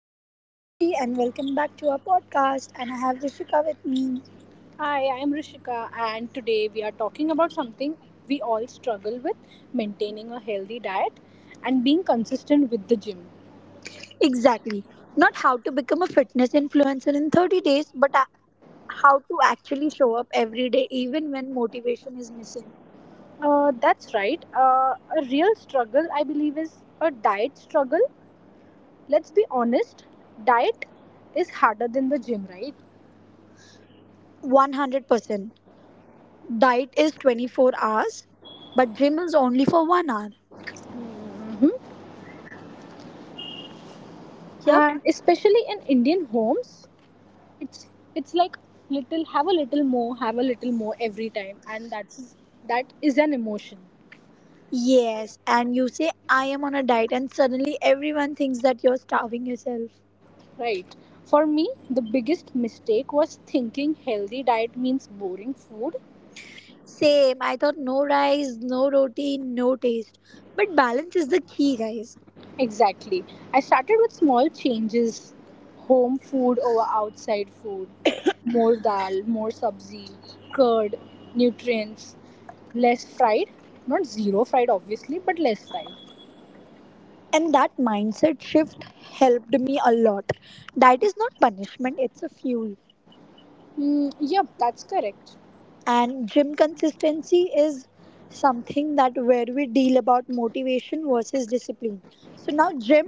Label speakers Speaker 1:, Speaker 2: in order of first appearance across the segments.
Speaker 1: I am Sakshi and welcome back to our podcast, and I have Rishika with me.
Speaker 2: Hi, I am Rishika, and today we are talking about something we all struggle with: maintaining a healthy diet and being consistent with the gym.
Speaker 1: Exactly. Not how to become a fitness influencer in 30 days, how to actually show up every day even when motivation is missing.
Speaker 2: That's right, a real struggle, I believe, is a diet struggle. Let's be honest, diet is harder than the gym, right?
Speaker 1: 100%. Diet is 24 hours, but gym is only for 1 hour. Yep.
Speaker 2: And especially in Indian homes, it's it's like little have a little more, have a little more every time, and that is an emotion.
Speaker 1: Yes, and you say I am on a diet and suddenly everyone thinks that you're starving yourself.
Speaker 2: Right. For me, the biggest mistake was thinking healthy diet means boring food.
Speaker 1: Same. I thought no rice, no roti, no taste. But balance is the key, guys.
Speaker 2: Exactly. I started with small changes: home food over outside food, more dal, more sabzi, curd, nutrients, less fried. Not zero fried, obviously, but less fried.
Speaker 1: And that mindset shift helped me a lot. Diet is not punishment, it's a fuel.
Speaker 2: Yep, that's correct.
Speaker 1: And gym consistency is something that where we deal about motivation versus discipline. So now gym,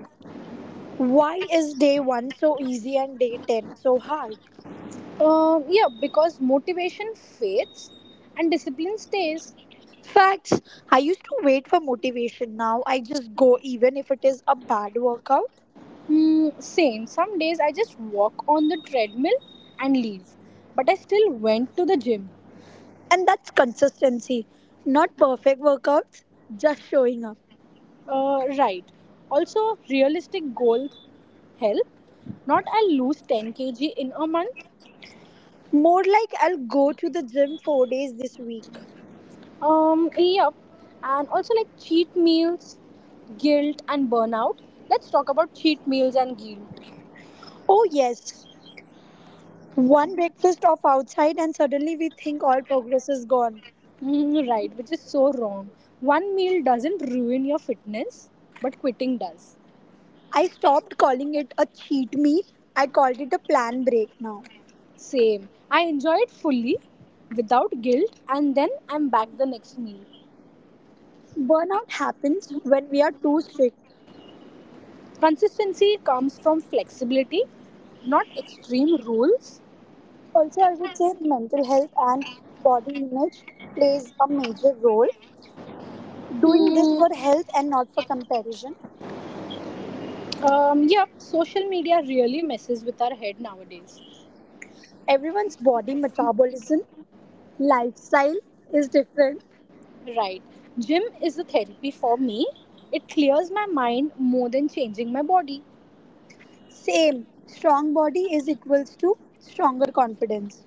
Speaker 1: why is day 1 so easy and day 10 so hard?
Speaker 2: Yeah, because motivation fades and discipline stays.
Speaker 1: Facts. I used to wait for motivation. Now I just go even if it is a bad workout.
Speaker 2: Same. Some days I just walk on the treadmill and leave. But I still went to the gym.
Speaker 1: And that's consistency. Not perfect workouts, just showing up.
Speaker 2: Right. Also, realistic goals help. Not I'll lose 10 kg in a month.
Speaker 1: More like I'll go to the gym 4 days this week.
Speaker 2: Yep. And also, like, cheat meals, guilt, and burnout. Let's talk about cheat meals and guilt.
Speaker 1: Oh, yes. One breakfast off outside, and suddenly we think all progress is gone.
Speaker 2: Right, which is so wrong. One meal doesn't ruin your fitness, but quitting does.
Speaker 1: I stopped calling it a cheat meal. I called it a plan break now.
Speaker 2: Same. I enjoy it fully, without guilt, and then I'm back the next meal.
Speaker 1: Burnout happens when we are too strict.
Speaker 2: Consistency comes from flexibility, not extreme rules.
Speaker 1: Also, I would say mental health and body image plays a major role. Doing this
Speaker 2: Hmm.
Speaker 1: for health and not for comparison.
Speaker 2: Yeah, social media really messes with our head nowadays.
Speaker 1: Everyone's body metabolism, lifestyle is different.
Speaker 2: Right. Gym is a therapy for me. It clears my mind more than changing my body.
Speaker 1: Same, strong body is equals to stronger confidence.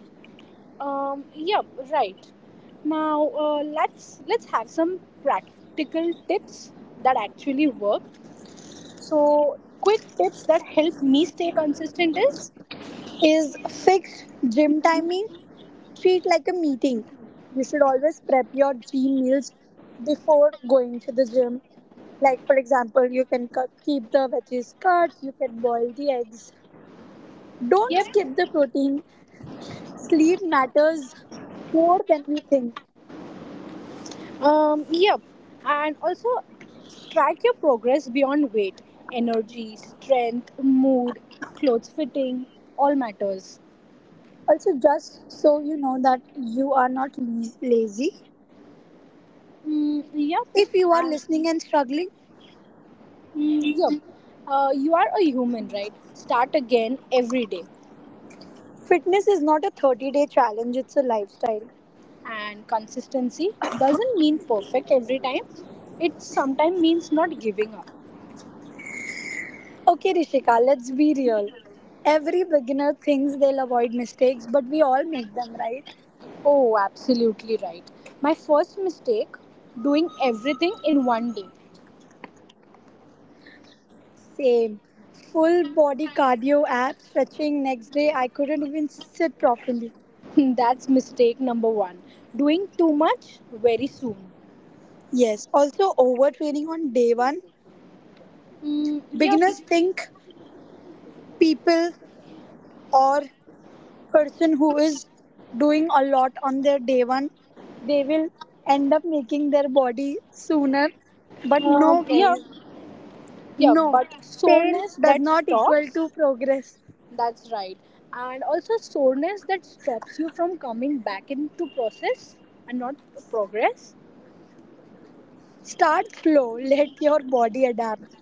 Speaker 2: Yep, right. Now let's have some practical tips that actually work. So, quick tips that help me stay consistent is
Speaker 1: Is fixed gym timing, treat like a meeting. You should always prep your gym meals before going to the gym. Like, for example, you can keep the veggies cut, you can boil the eggs. Don't
Speaker 2: yep,
Speaker 1: skip the protein. Sleep matters more than we think.
Speaker 2: yep, and also track your progress beyond weight, energy, strength, mood, clothes fitting, all matters.
Speaker 1: Also, just so you know that you are not lazy.
Speaker 2: Mm, yep,
Speaker 1: If you are
Speaker 2: and
Speaker 1: listening and struggling,
Speaker 2: yep, you are a human, right? Start again every day,
Speaker 1: fitness is not a 30-day challenge, it's a lifestyle.
Speaker 2: and consistency doesn't mean perfect every time, it sometimes means not giving up.
Speaker 1: Okay, Rishika, let's be real. Every beginner thinks they'll avoid mistakes, but we all make them, right?
Speaker 2: Oh, absolutely right. My first mistake: doing everything in one day.
Speaker 1: Same. Full body cardio app, stretching next day, I couldn't even sit properly.
Speaker 2: That's mistake number one. Doing too much very soon.
Speaker 1: Yes, also overtraining on day one.
Speaker 2: Mm, yep,
Speaker 1: Beginners think people or person who is doing a lot on their day one, they will end up making their body sooner. But
Speaker 2: um,
Speaker 1: no,
Speaker 2: yep,
Speaker 1: guys,
Speaker 2: yep.
Speaker 1: no.
Speaker 2: But
Speaker 1: Pain
Speaker 2: soreness
Speaker 1: does
Speaker 2: that
Speaker 1: not equal
Speaker 2: stops.
Speaker 1: to progress.
Speaker 2: That's right. And also soreness that stops you from coming back into process and not progress.
Speaker 1: Start slow, let your body adapt.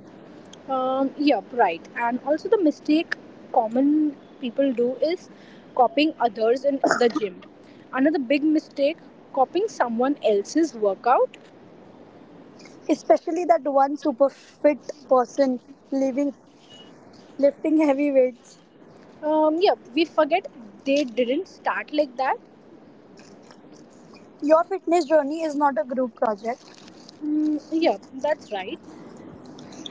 Speaker 2: Yeah, right. And also the mistake common people do is copying others in the gym. Another big mistake, copying someone else's workout.
Speaker 1: Especially that one super fit person living, lifting heavy weights.
Speaker 2: Yeah, we forget they didn't start like that.
Speaker 1: Your fitness journey is not a group project.
Speaker 2: Yeah, that's right.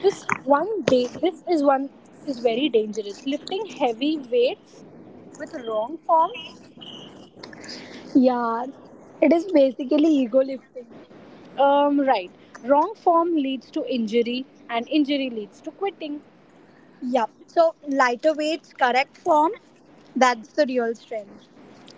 Speaker 2: This one day, this is one is very dangerous. Lifting heavy weights with wrong form.
Speaker 1: Yeah, it is basically ego lifting.
Speaker 2: Right. Wrong form leads to injury, and injury leads to quitting.
Speaker 1: Yeah. So lighter weights, correct form, that's the real strength.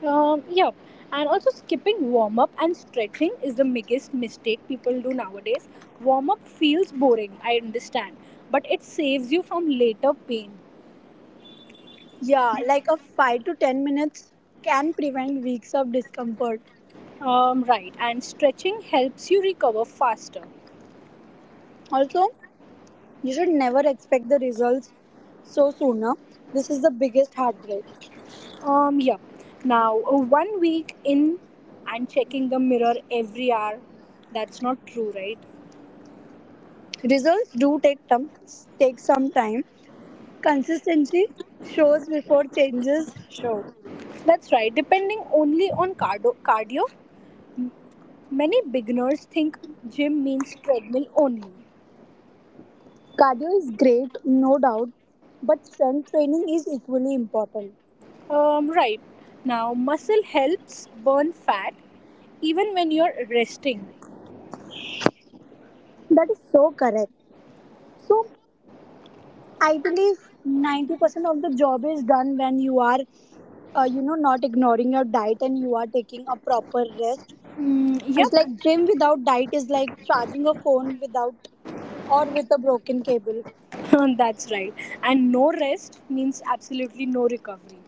Speaker 2: Yeah, and also skipping warm up and stretching is the biggest mistake people do nowadays. Warm up feels boring, I understand, but it saves you from later pain.
Speaker 1: Yeah, like a 5 to 10 minutes can prevent weeks of discomfort.
Speaker 2: Right, and stretching helps you recover faster.
Speaker 1: Also, you should never expect the results so sooner. This is the biggest heartbreak.
Speaker 2: Yeah, now 1 week in and checking the mirror every hour, that's not true, right?
Speaker 1: Results do take time, take some time. Consistency shows before changes show.
Speaker 2: That's right, depending only on cardio, cardio many beginners think gym means treadmill only.
Speaker 1: Cardio is great, no doubt, but strength training is equally important.
Speaker 2: Right. Now, muscle helps burn fat even when you're resting.
Speaker 1: That is so correct. So I believe 90% of the job is done when you are, you know, not ignoring your diet and you are taking a proper rest. It's
Speaker 2: Yep,
Speaker 1: like gym without diet is like charging a phone without or with a broken cable.
Speaker 2: that's right. And no rest means absolutely no recovery.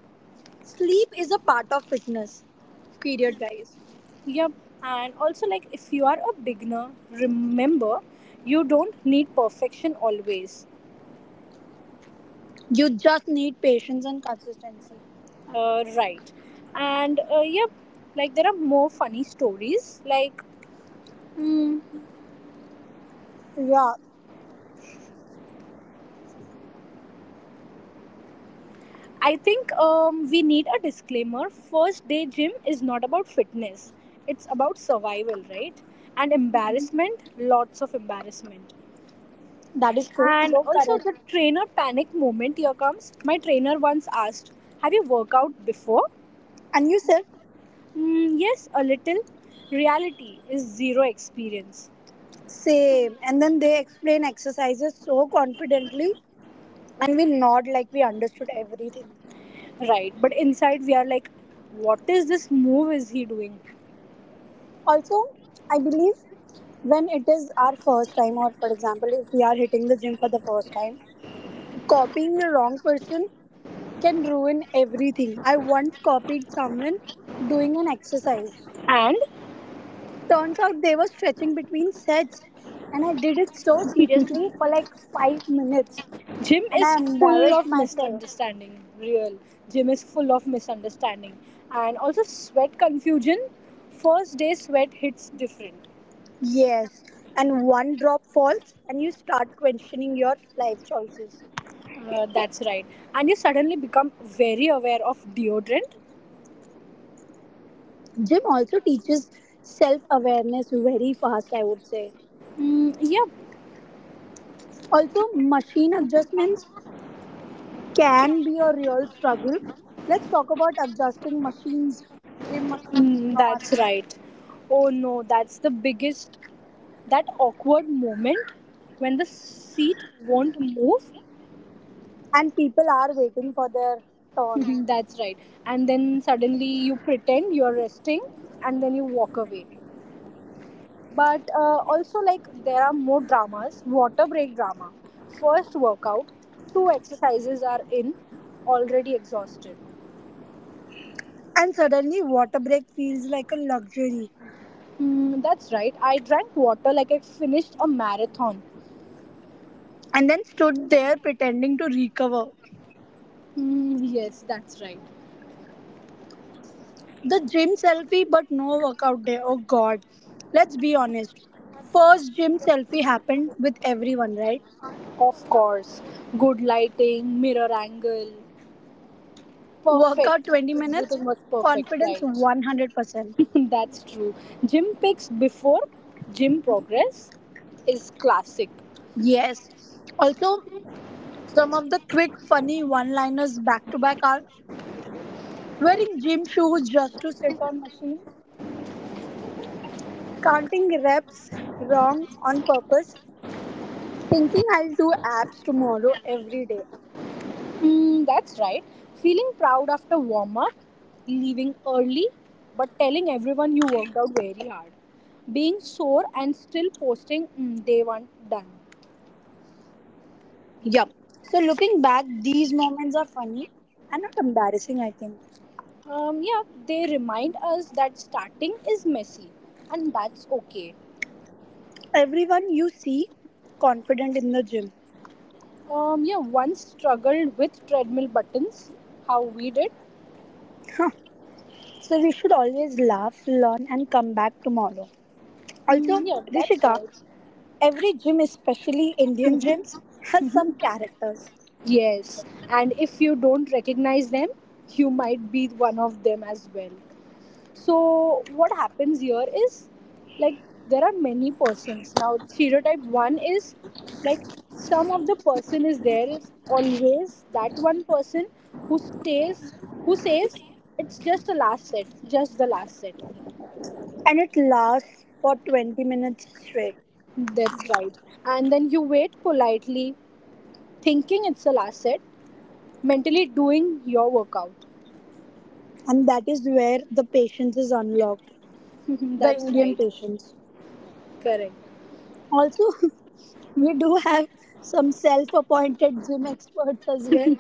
Speaker 1: Sleep is a part of fitness. Period, guys.
Speaker 2: Yep. And also, like, if you are a beginner, remember you don't need perfection always.
Speaker 1: You just need patience and consistency.
Speaker 2: Right. And, yep, like, there are more funny stories. Mm,
Speaker 1: Yeah,
Speaker 2: I think we need a disclaimer. First day gym is not about fitness, it's about survival, right? And embarrassment, lots of embarrassment.
Speaker 1: that is so,
Speaker 2: And
Speaker 1: so
Speaker 2: also
Speaker 1: correct.
Speaker 2: the trainer panic moment here comes. My trainer once asked, "Have you worked out before?"
Speaker 1: And you said
Speaker 2: Yes, a little. Reality is zero experience,
Speaker 1: same. And then they explain exercises so confidently, and we nod like we understood everything.
Speaker 2: right? But inside we are like, "What is this move is he doing?"
Speaker 1: Also, I believe when it is our first time, or for example, if we are hitting the gym for the first time, copying the wrong person can ruin everything. I once copied someone doing an exercise.
Speaker 2: And
Speaker 1: Turns out they were stretching between sets, and I did it so seriously for like 5 minutes,
Speaker 2: Jim
Speaker 1: and
Speaker 2: is
Speaker 1: I
Speaker 2: full
Speaker 1: embarrassed
Speaker 2: of
Speaker 1: myself.
Speaker 2: misunderstanding. Real. Jim is full of misunderstanding. And also sweat confusion. First day sweat hits different.
Speaker 1: Yes, and one drop falls, and you start questioning your life choices.
Speaker 2: That's right. And you suddenly become very aware of deodorant.
Speaker 1: Gym also teaches self awareness very fast, I would say.
Speaker 2: Mm, yeah,
Speaker 1: Also, machine adjustments can be a real struggle. Let's talk about adjusting machines, gym machines to
Speaker 2: that's
Speaker 1: ourselves.
Speaker 2: right. Oh no, that's the biggest, that awkward moment when the seat won't move.
Speaker 1: And people are waiting for their turn.
Speaker 2: That's right. And then suddenly you pretend you're resting and then you walk away. But also, like, there are more dramas: water break drama, first workout, two exercises are in, already exhausted.
Speaker 1: And suddenly, water break feels like a luxury.
Speaker 2: Hmm, that's right, I drank water like I finished a marathon.
Speaker 1: And then stood there pretending to recover.
Speaker 2: Hmm, yes, that's right.
Speaker 1: The gym selfie, but no workout day. Oh god. Let's be honest. First gym selfie happened with everyone, right?
Speaker 2: Of course, good lighting, mirror angle
Speaker 1: Workout
Speaker 2: perfect,
Speaker 1: 20
Speaker 2: everything
Speaker 1: minutes,
Speaker 2: was perfect,
Speaker 1: confidence
Speaker 2: right?
Speaker 1: 100%.
Speaker 2: That's true. Gym pics before gym progress is classic.
Speaker 1: Yes, also some of the quick funny one liners back to back are wearing gym shoes just to sit on machines, counting reps wrong on purpose, thinking I'll do abs tomorrow every day.
Speaker 2: That's right. Feeling proud after warm up, leaving early, but telling everyone you worked out very hard. Being sore and still posting day one done.
Speaker 1: Yup. So looking back, these moments are funny and not embarrassing, I think.
Speaker 2: Yeah, they remind us that starting is messy and that's okay.
Speaker 1: Everyone you see confident in the gym.
Speaker 2: Yeah, once struggled with treadmill buttons, how we did.
Speaker 1: So we should always laugh, learn, and come back tomorrow. Also,
Speaker 2: Yeah, that's
Speaker 1: Rishika,
Speaker 2: right.
Speaker 1: every gym, especially Indian gyms, has some characters,
Speaker 2: Yes, and if you don't recognize them, you might be one of them as well. So what happens here is like there are many persons. Now stereotype one is like some of the person is there is always that one person who stays who says it's just the last set, just the last set.
Speaker 1: and it lasts for 20 minutes straight.
Speaker 2: That's right. And then you wait politely, thinking it's the last set, mentally doing your workout.
Speaker 1: And that is where the patience is unlocked, the
Speaker 2: That's
Speaker 1: Indian
Speaker 2: right.
Speaker 1: patience.
Speaker 2: Correct.
Speaker 1: Also, we do have some self appointed gym experts as well.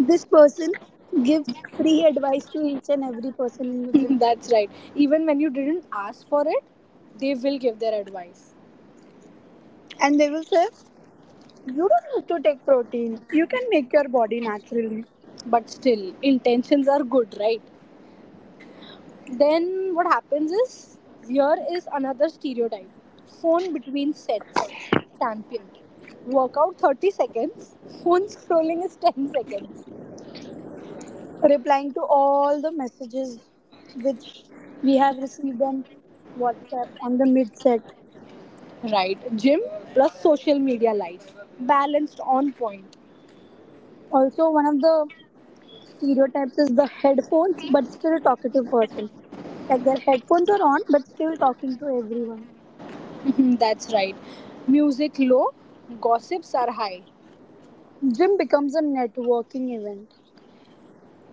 Speaker 1: This person gives free advice to each and every person in the gym.
Speaker 2: That's right. Even when you didn't ask for it, they will give their advice.
Speaker 1: And they will say, "You don't have to take protein, you can make your body naturally."
Speaker 2: But still intentions are good, right? Then what happens is here is another stereotype: phone between sets champion, workout 30 seconds, phone scrolling is 10 seconds.
Speaker 1: Replying to all the messages which we have received on WhatsApp on the midset.
Speaker 2: Right, gym plus social media life balanced on point.
Speaker 1: Also, one of the stereotypes is the headphones, but still talkative person. Like their headphones are on, but still talking to everyone.
Speaker 2: That's right, music low, gossips are high.
Speaker 1: Gym becomes a networking event.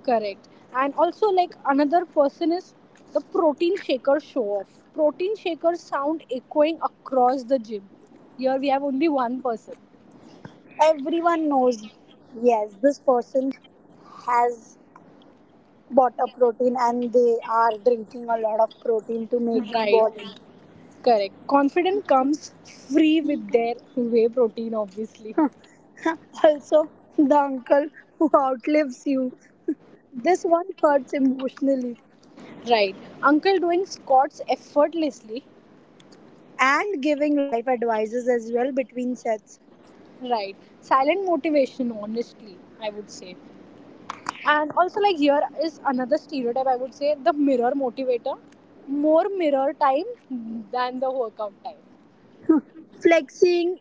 Speaker 2: Correct. And also, like, another person is the protein shaker show off. Protein shaker sound echoing across the gym. Here we have only one person.
Speaker 1: Everyone knows, yes, this person has bought a protein and they are drinking a lot of protein to make
Speaker 2: Right.
Speaker 1: body.
Speaker 2: Correct. Confident comes free with their whey protein, obviously.
Speaker 1: Also, the uncle who outlives you. This one hurts emotionally.
Speaker 2: Right. Uncle doing squats effortlessly.
Speaker 1: And giving life advices as well between sets.
Speaker 2: Right. Silent motivation, honestly, I would say. And also, like, here is another stereotype I would say: the mirror motivator. More mirror time than the workout time.
Speaker 1: Flexing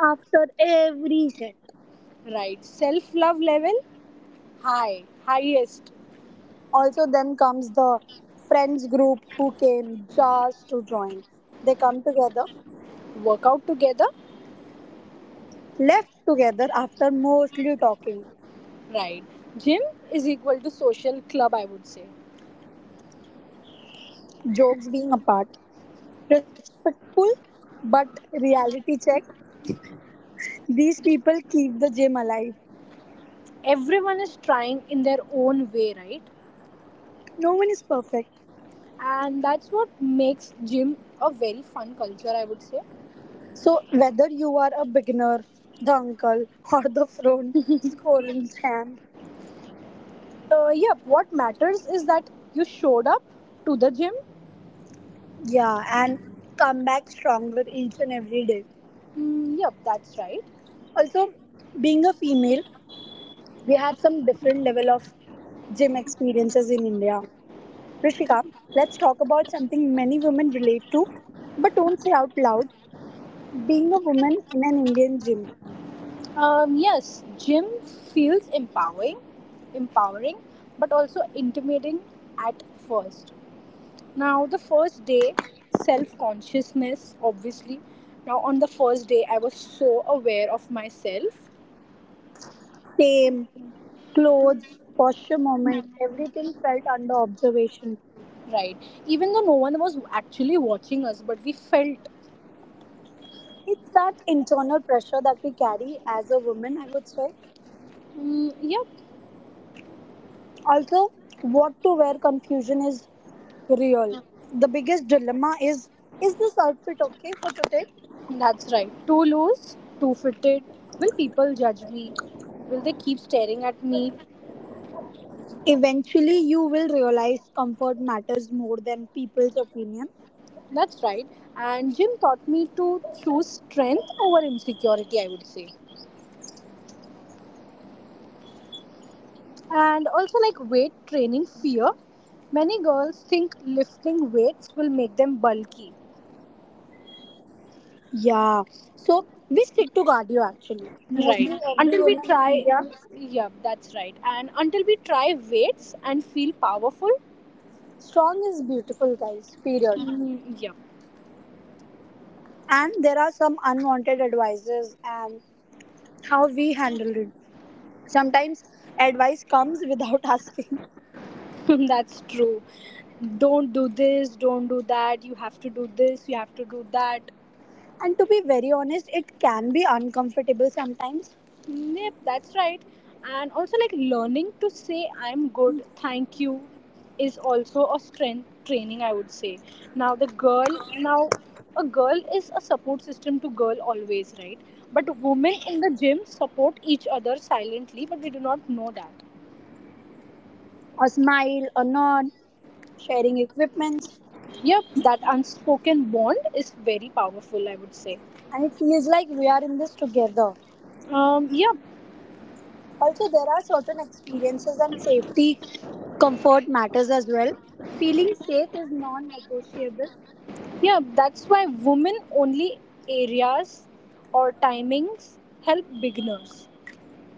Speaker 1: after every set.
Speaker 2: Right. Self love level high, highest.
Speaker 1: Also, then comes the friends group who came just to join. They come together,
Speaker 2: Workout together.
Speaker 1: left together after mostly talking,
Speaker 2: Right. Gym is equal to social club, I would say.
Speaker 1: jokes being apart. Respectful, but reality check. These people keep the gym alive.
Speaker 2: Everyone is trying in their own way, right?
Speaker 1: No one is perfect.
Speaker 2: And that's what makes gym a very fun culture, I would say.
Speaker 1: So, whether you are a beginner, the uncle, or the front scoring champ,
Speaker 2: Yep, what matters is that you showed up to the gym.
Speaker 1: yeah, and come back stronger each and every day.
Speaker 2: Yep, that's right.
Speaker 1: Also, being a female, we have some different level of gym experiences in India. Rishika, let's talk about something many women relate to, but don't say out loud. Being a woman in an Indian gym,
Speaker 2: Yes, gym feels empowering, empowering, but also intimidating at first. Now, the first day, self consciousness, obviously. Now, on the first day, I was so aware of myself,
Speaker 1: same clothes, posture, moment, everything felt under observation.
Speaker 2: right? Even though no one was actually watching us, but we felt,
Speaker 1: It's that internal pressure that we carry as a woman, I would say.
Speaker 2: yep,
Speaker 1: Also, what to wear confusion is real. The biggest dilemma is this outfit okay for today?
Speaker 2: that's right. Too loose, too fitted. Will people judge me? Will they keep staring at me?
Speaker 1: Eventually, you will realize comfort matters more than people's opinion.
Speaker 2: That's right. And gym taught me to choose strength over insecurity, I would say. And also, like, weight training fear. Many girls think lifting weights will make them bulky.
Speaker 1: Yeah, so we stick to cardio actually.
Speaker 2: Right.
Speaker 1: Mostly every
Speaker 2: Until we
Speaker 1: woman in
Speaker 2: try,
Speaker 1: India,
Speaker 2: yeah, that's right. And until we try weights and feel powerful,
Speaker 1: strong is beautiful, guys, period.
Speaker 2: yeah,
Speaker 1: And there are some unwanted advices and how we handle it. Sometimes advice comes without asking.
Speaker 2: that's true. Don't do this, don't do that, you have to do this, you have to do that.
Speaker 1: And to be very honest, it can be uncomfortable sometimes.
Speaker 2: Yep, that's right. And also, like, learning to say "I'm good," "Thank you," is also a strength training. I would say. Now, the girl, now, a girl is a support system to girl always, right? But women in the gym support each other silently, but we do not know that.
Speaker 1: A smile, a nod, sharing equipment,
Speaker 2: Yep, that unspoken bond is very powerful. I would say.
Speaker 1: and it feels like we are in this together.
Speaker 2: Um, yeah,
Speaker 1: Also, there are certain experiences and safety comfort matters as well. Feeling safe is non negotiable.
Speaker 2: yeah, that's why women only areas or timings help beginners.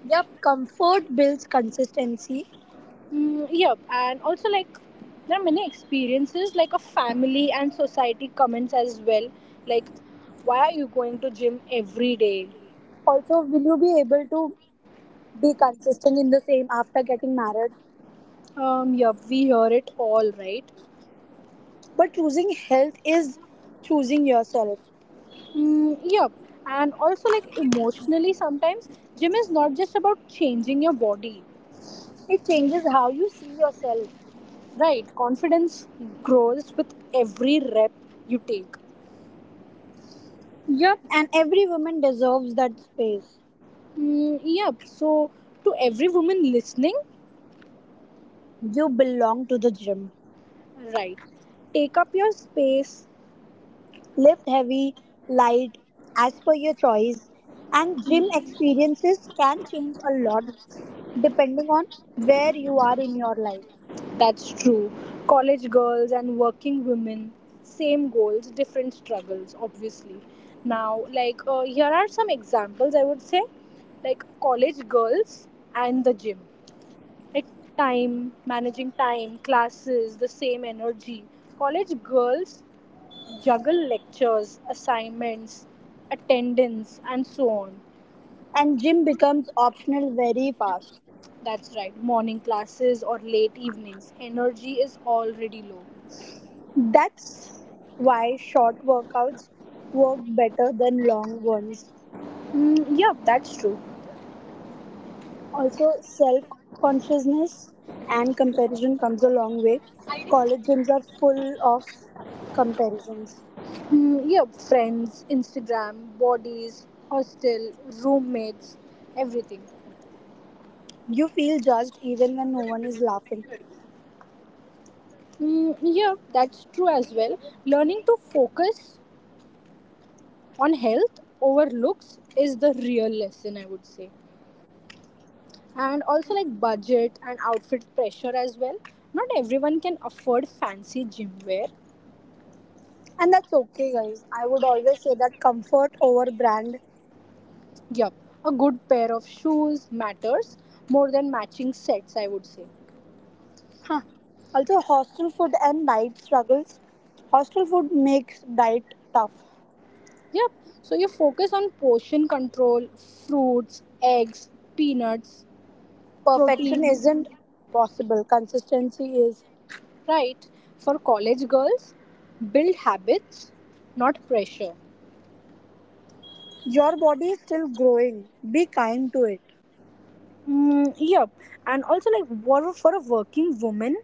Speaker 1: Yep, comfort builds consistency.
Speaker 2: Yep, and also like there are many experiences like a family and society comments as well. Like, why are you going to gym every day?
Speaker 1: Also, will you be able to be consistent in the same after getting married?
Speaker 2: Yep, we hear it all, right?
Speaker 1: But choosing health is choosing yourself.
Speaker 2: Yep, and also like emotionally sometimes gym is not just about changing your body,
Speaker 1: It changes how you see yourself.
Speaker 2: right? Confidence grows with every rep you take.
Speaker 1: Yep. And every woman deserves that space.
Speaker 2: Yep, so to every woman listening,
Speaker 1: You belong to the gym.
Speaker 2: right? Take up your space.
Speaker 1: Lift heavy, light, as per your choice. And gym experiences can change a lot depending on where you are in your life.
Speaker 2: That's true. College girls and working women, same goals, different struggles, obviously. Now, like, here are some examples I would say, like college girls and the gym. Like, time, managing time, classes, the same energy. College girls juggle lectures, assignments, attendance, and so on.
Speaker 1: And gym becomes optional very fast.
Speaker 2: That's right, morning classes or late evenings. Energy is already low.
Speaker 1: That's why short workouts work better than long ones.
Speaker 2: Yeah, that's true.
Speaker 1: Also, self consciousness and comparison comes a long way. College gyms are full of comparisons.
Speaker 2: Yep, friends, Instagram, bodies, hostel, roommates, everything.
Speaker 1: You feel judged even when no one is laughing.
Speaker 2: Yeah, that's true as well. Learning to focus on health over looks is the real lesson, I would say. And also, like, budget and outfit pressure as well. Not everyone can afford fancy gym wear.
Speaker 1: And that's okay, guys. I would always say that comfort over brand.
Speaker 2: Yup, a good pair of shoes matters more than matching sets, I would say.
Speaker 1: Huh. Also, hostel food and diet struggles. Hostel food makes diet tough.
Speaker 2: Yep. So you focus on portion control, fruits, eggs, peanuts,
Speaker 1: Perfection
Speaker 2: protein,
Speaker 1: isn't possible, consistency is.
Speaker 2: right? For college girls, build habits, not pressure.
Speaker 1: Your body is still growing. Be kind to it.
Speaker 2: Yep. And also, like, what for a working woman,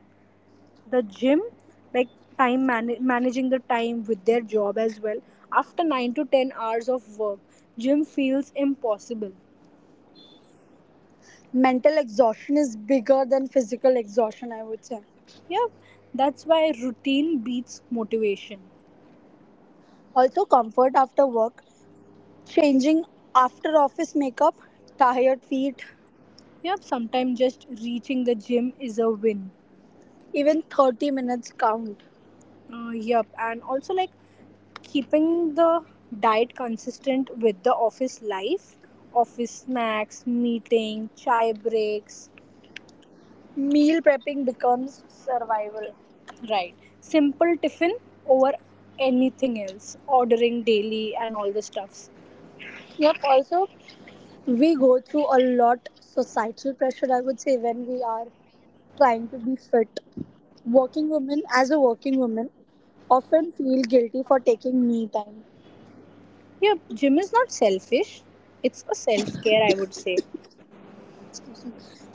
Speaker 2: the gym, like, managing the time with their job as well. After 9 to 10 hours of work, gym feels impossible.
Speaker 1: Mental exhaustion is bigger than physical exhaustion, I would say.
Speaker 2: Yep. That's why routine beats motivation.
Speaker 1: Also, comfort after work, changing after office makeup, tired feet,
Speaker 2: Yep, sometimes just reaching the gym is a win.
Speaker 1: even 30 minutes count.
Speaker 2: Yep, and also like keeping the diet consistent with the office life, office snacks, meeting, chai breaks,
Speaker 1: Meal prepping becomes survival.
Speaker 2: right? Simple tiffin over anything else, ordering daily and all the stuffs.
Speaker 1: Yep, also, we go through a lot societal pressure, I would say, when we are trying to be fit. Working women, as a working woman, often feel guilty for taking me time.
Speaker 2: Yep, gym is not selfish, it's a self care, I would say.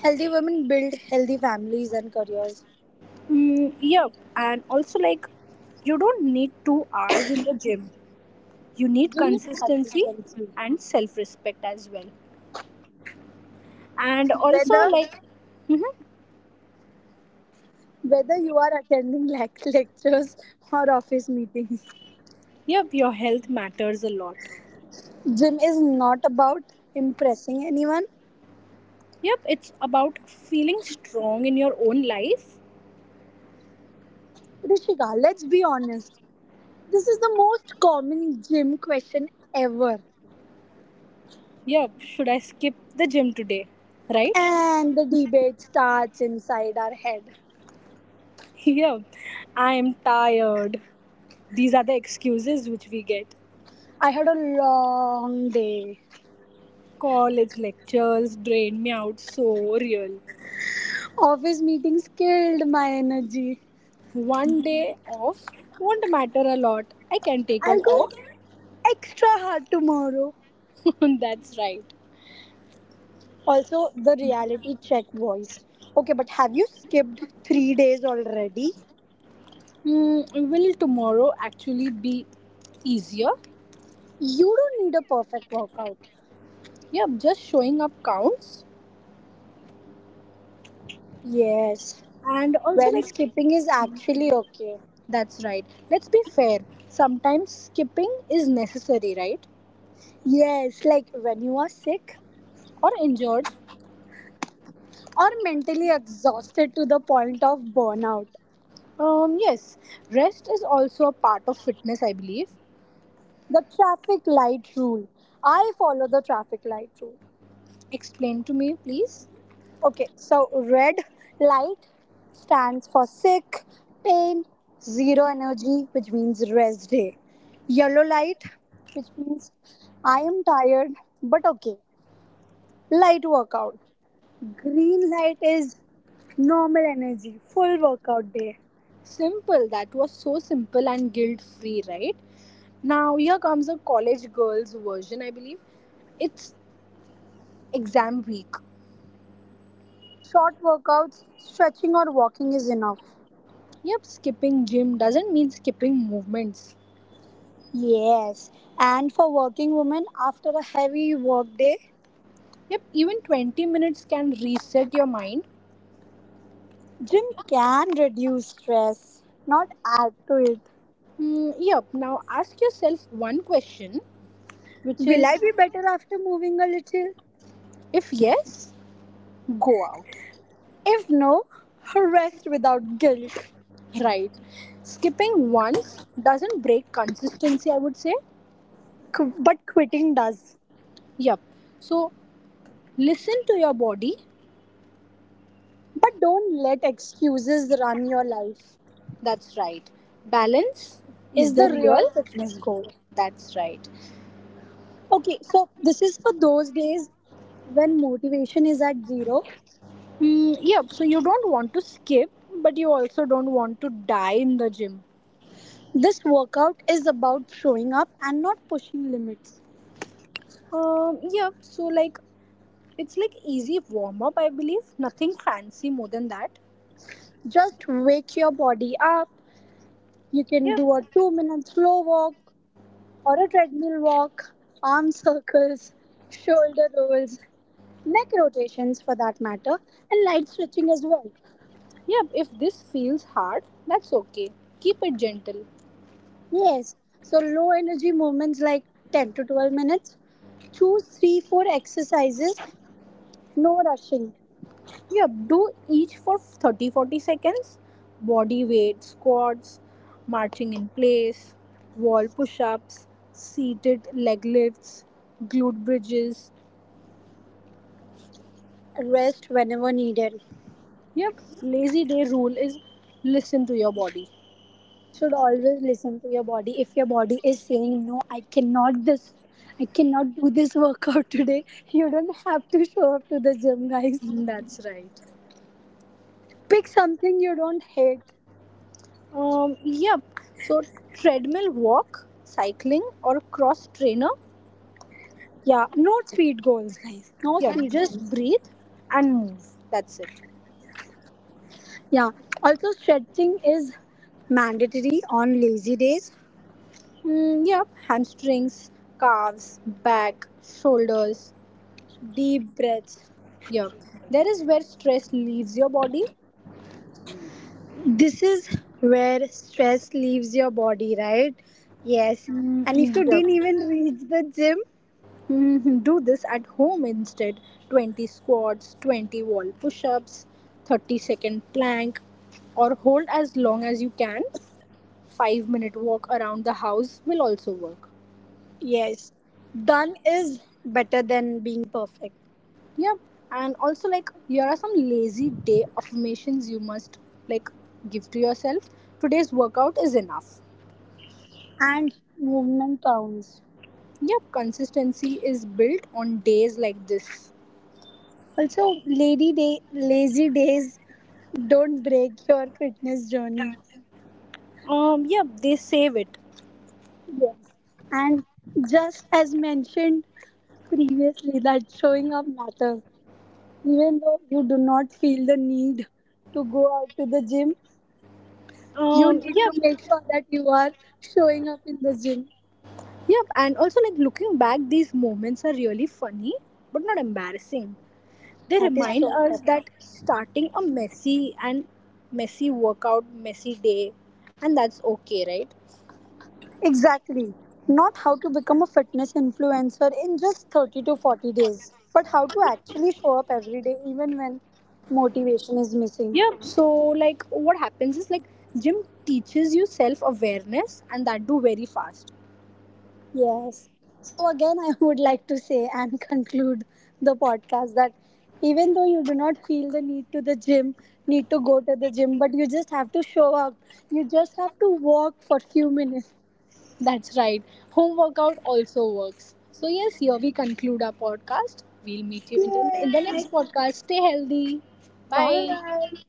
Speaker 1: Healthy women build healthy families and careers.
Speaker 2: Yep, and also like you don't need 2 hours in the gym, you need
Speaker 1: Brilliant
Speaker 2: consistency
Speaker 1: consistency.
Speaker 2: and self respect as well, and also
Speaker 1: Whether
Speaker 2: like mhm,
Speaker 1: whether you are attending like lectures or office meetings,
Speaker 2: yep, your health matters a lot,
Speaker 1: gym is not about impressing anyone.
Speaker 2: yep, it's about feeling strong in your own life.
Speaker 1: Rishika, let's be honest. This is the most common gym question ever,
Speaker 2: Yep, should I skip the gym today, right?
Speaker 1: and the debate starts inside our head.
Speaker 2: Yep, I am tired, these are the excuses which we get.
Speaker 1: I had a long day.
Speaker 2: College lectures drain me out, so real.
Speaker 1: Office meetings killed my energy.
Speaker 2: One day off won't matter a lot, I can take
Speaker 1: I'll go
Speaker 2: off.
Speaker 1: extra hard tomorrow.
Speaker 2: That's right.
Speaker 1: Also, the reality check voice. Okay, but have you skipped 3 days already?
Speaker 2: Will tomorrow actually be easier?
Speaker 1: You don't need a perfect workout.
Speaker 2: Yeah, just showing up counts.
Speaker 1: Yes,
Speaker 2: And also,
Speaker 1: when
Speaker 2: like,
Speaker 1: skipping is actually okay.
Speaker 2: that's right. Let's be fair. Sometimes skipping is necessary, right?
Speaker 1: Yes, like when you are sick
Speaker 2: Or injured.
Speaker 1: or mentally exhausted to the point of burnout.
Speaker 2: Yes, rest is also a part of fitness, I believe.
Speaker 1: The traffic light rule. I follow the traffic light rule.
Speaker 2: Explain to me, please.
Speaker 1: Okay, so red light stands for sick, pain, zero energy, which means rest day. Yellow light, which means I am tired but okay, light workout. Green light is normal energy, full workout day.
Speaker 2: Simple. That was so simple and guilt free, right? Now, here comes a college girl's version, I believe. It's exam week.
Speaker 1: Short workouts, stretching or walking is enough.
Speaker 2: Yep, skipping gym doesn't mean skipping movements.
Speaker 1: Yes, and for working women after a heavy work day,
Speaker 2: Yep, even 20 minutes can reset your mind.
Speaker 1: gym can reduce stress, not add to it.
Speaker 2: Yep, now ask yourself one question, which
Speaker 1: Will
Speaker 2: is
Speaker 1: I be better after moving a little?
Speaker 2: if yes, go out.
Speaker 1: If no, rest without guilt.
Speaker 2: Right. Skipping once doesn't break consistency, I would say.
Speaker 1: But quitting does.
Speaker 2: Yep. So listen to your body.
Speaker 1: But don't let excuses run your life,
Speaker 2: That's right. Balance is
Speaker 1: is
Speaker 2: the
Speaker 1: the real
Speaker 2: real.
Speaker 1: fitness goal.
Speaker 2: That's right.
Speaker 1: Okay, so this is for those days when motivation is at zero.
Speaker 2: Yep, so you don't want to skip, but you also don't want to die in the gym.
Speaker 1: This workout is about showing up and not pushing limits.
Speaker 2: Yeah, so like it's like easy warm up, I believe. Nothing fancy more than that.
Speaker 1: Just wake your body up. You can
Speaker 2: Yeah,
Speaker 1: do a 2 minute slow walk or a treadmill walk, arm circles, shoulder rolls, neck rotations for that matter, and light stretching as well.
Speaker 2: yeah, if this feels hard, that's okay. Keep it gentle.
Speaker 1: Yes, so low energy movements like 10 to 12 minutes. Choose 3 4 exercises, no rushing,
Speaker 2: Yeah, do each for 30, 40 seconds. Body weight, squats, marching in place, wall push ups, seated leg lifts, glute bridges.
Speaker 1: rest whenever needed.
Speaker 2: Yep, lazy day rule is listen to your body.
Speaker 1: Should always listen to your body. If your body is saying, "No, I cannot this. I cannot do this workout today." You don't have to show up to the gym, guys.
Speaker 2: That's right.
Speaker 1: Pick something you don't hate.
Speaker 2: Yep. So treadmill walk, cycling, or cross trainer.
Speaker 1: Yeah, no speed goals, guys. No
Speaker 2: Yeah,
Speaker 1: speed
Speaker 2: just
Speaker 1: goals.
Speaker 2: breathe and move. That's it.
Speaker 1: Yeah. Also, stretching is mandatory on lazy days.
Speaker 2: Yep. Hamstrings, calves, back, shoulders.
Speaker 1: Deep breaths.
Speaker 2: Yep. There is where stress leaves your body.
Speaker 1: This is where stress leaves your body, right? Yes. And if you
Speaker 2: Yep.
Speaker 1: didn't even reach the gym,
Speaker 2: Mhm. Do this at home instead. 20 squats, 20 wall push ups, 30-second plank, or hold as long as you can. 5-minute walk around the house will also work.
Speaker 1: yes. Done is better than being perfect.
Speaker 2: Yep. And also like here are some lazy day affirmations you must like give to yourself. Today's workout is enough.
Speaker 1: And movement counts.
Speaker 2: Yep, consistency is built on days like this.
Speaker 1: Also, lady day, lazy days don't break your fitness journey.
Speaker 2: Yep, they save it.
Speaker 1: Yes. And just as mentioned previously, that showing up matters. Even though you do not feel the need to go out to the gym, you need to
Speaker 2: Yep.
Speaker 1: make sure that you are showing up in the gym.
Speaker 2: Yep, and also like looking back these moments are really funny but not embarrassing. They
Speaker 1: That is
Speaker 2: remind
Speaker 1: so
Speaker 2: us that
Speaker 1: correct.
Speaker 2: starting a messy and messy workout, messy day and that's okay, right?
Speaker 1: Exactly. Not how to become a fitness influencer in just 30 to 40 days, but how to actually show up every day even when motivation is missing.
Speaker 2: Yeah. So, like, what happens is like gym teaches you self awareness, and that do very fast.
Speaker 1: Yes. So, again, I would like to say and conclude the podcast that even though you do not feel the need to the gym, need to go to the gym, but you just have to show up. You just have to walk for few minutes.
Speaker 2: That's right. Home workout also works. So yes, here we conclude our podcast. We'll meet you in the
Speaker 1: Yes.
Speaker 2: next podcast. Stay healthy. Bye.
Speaker 1: Bye.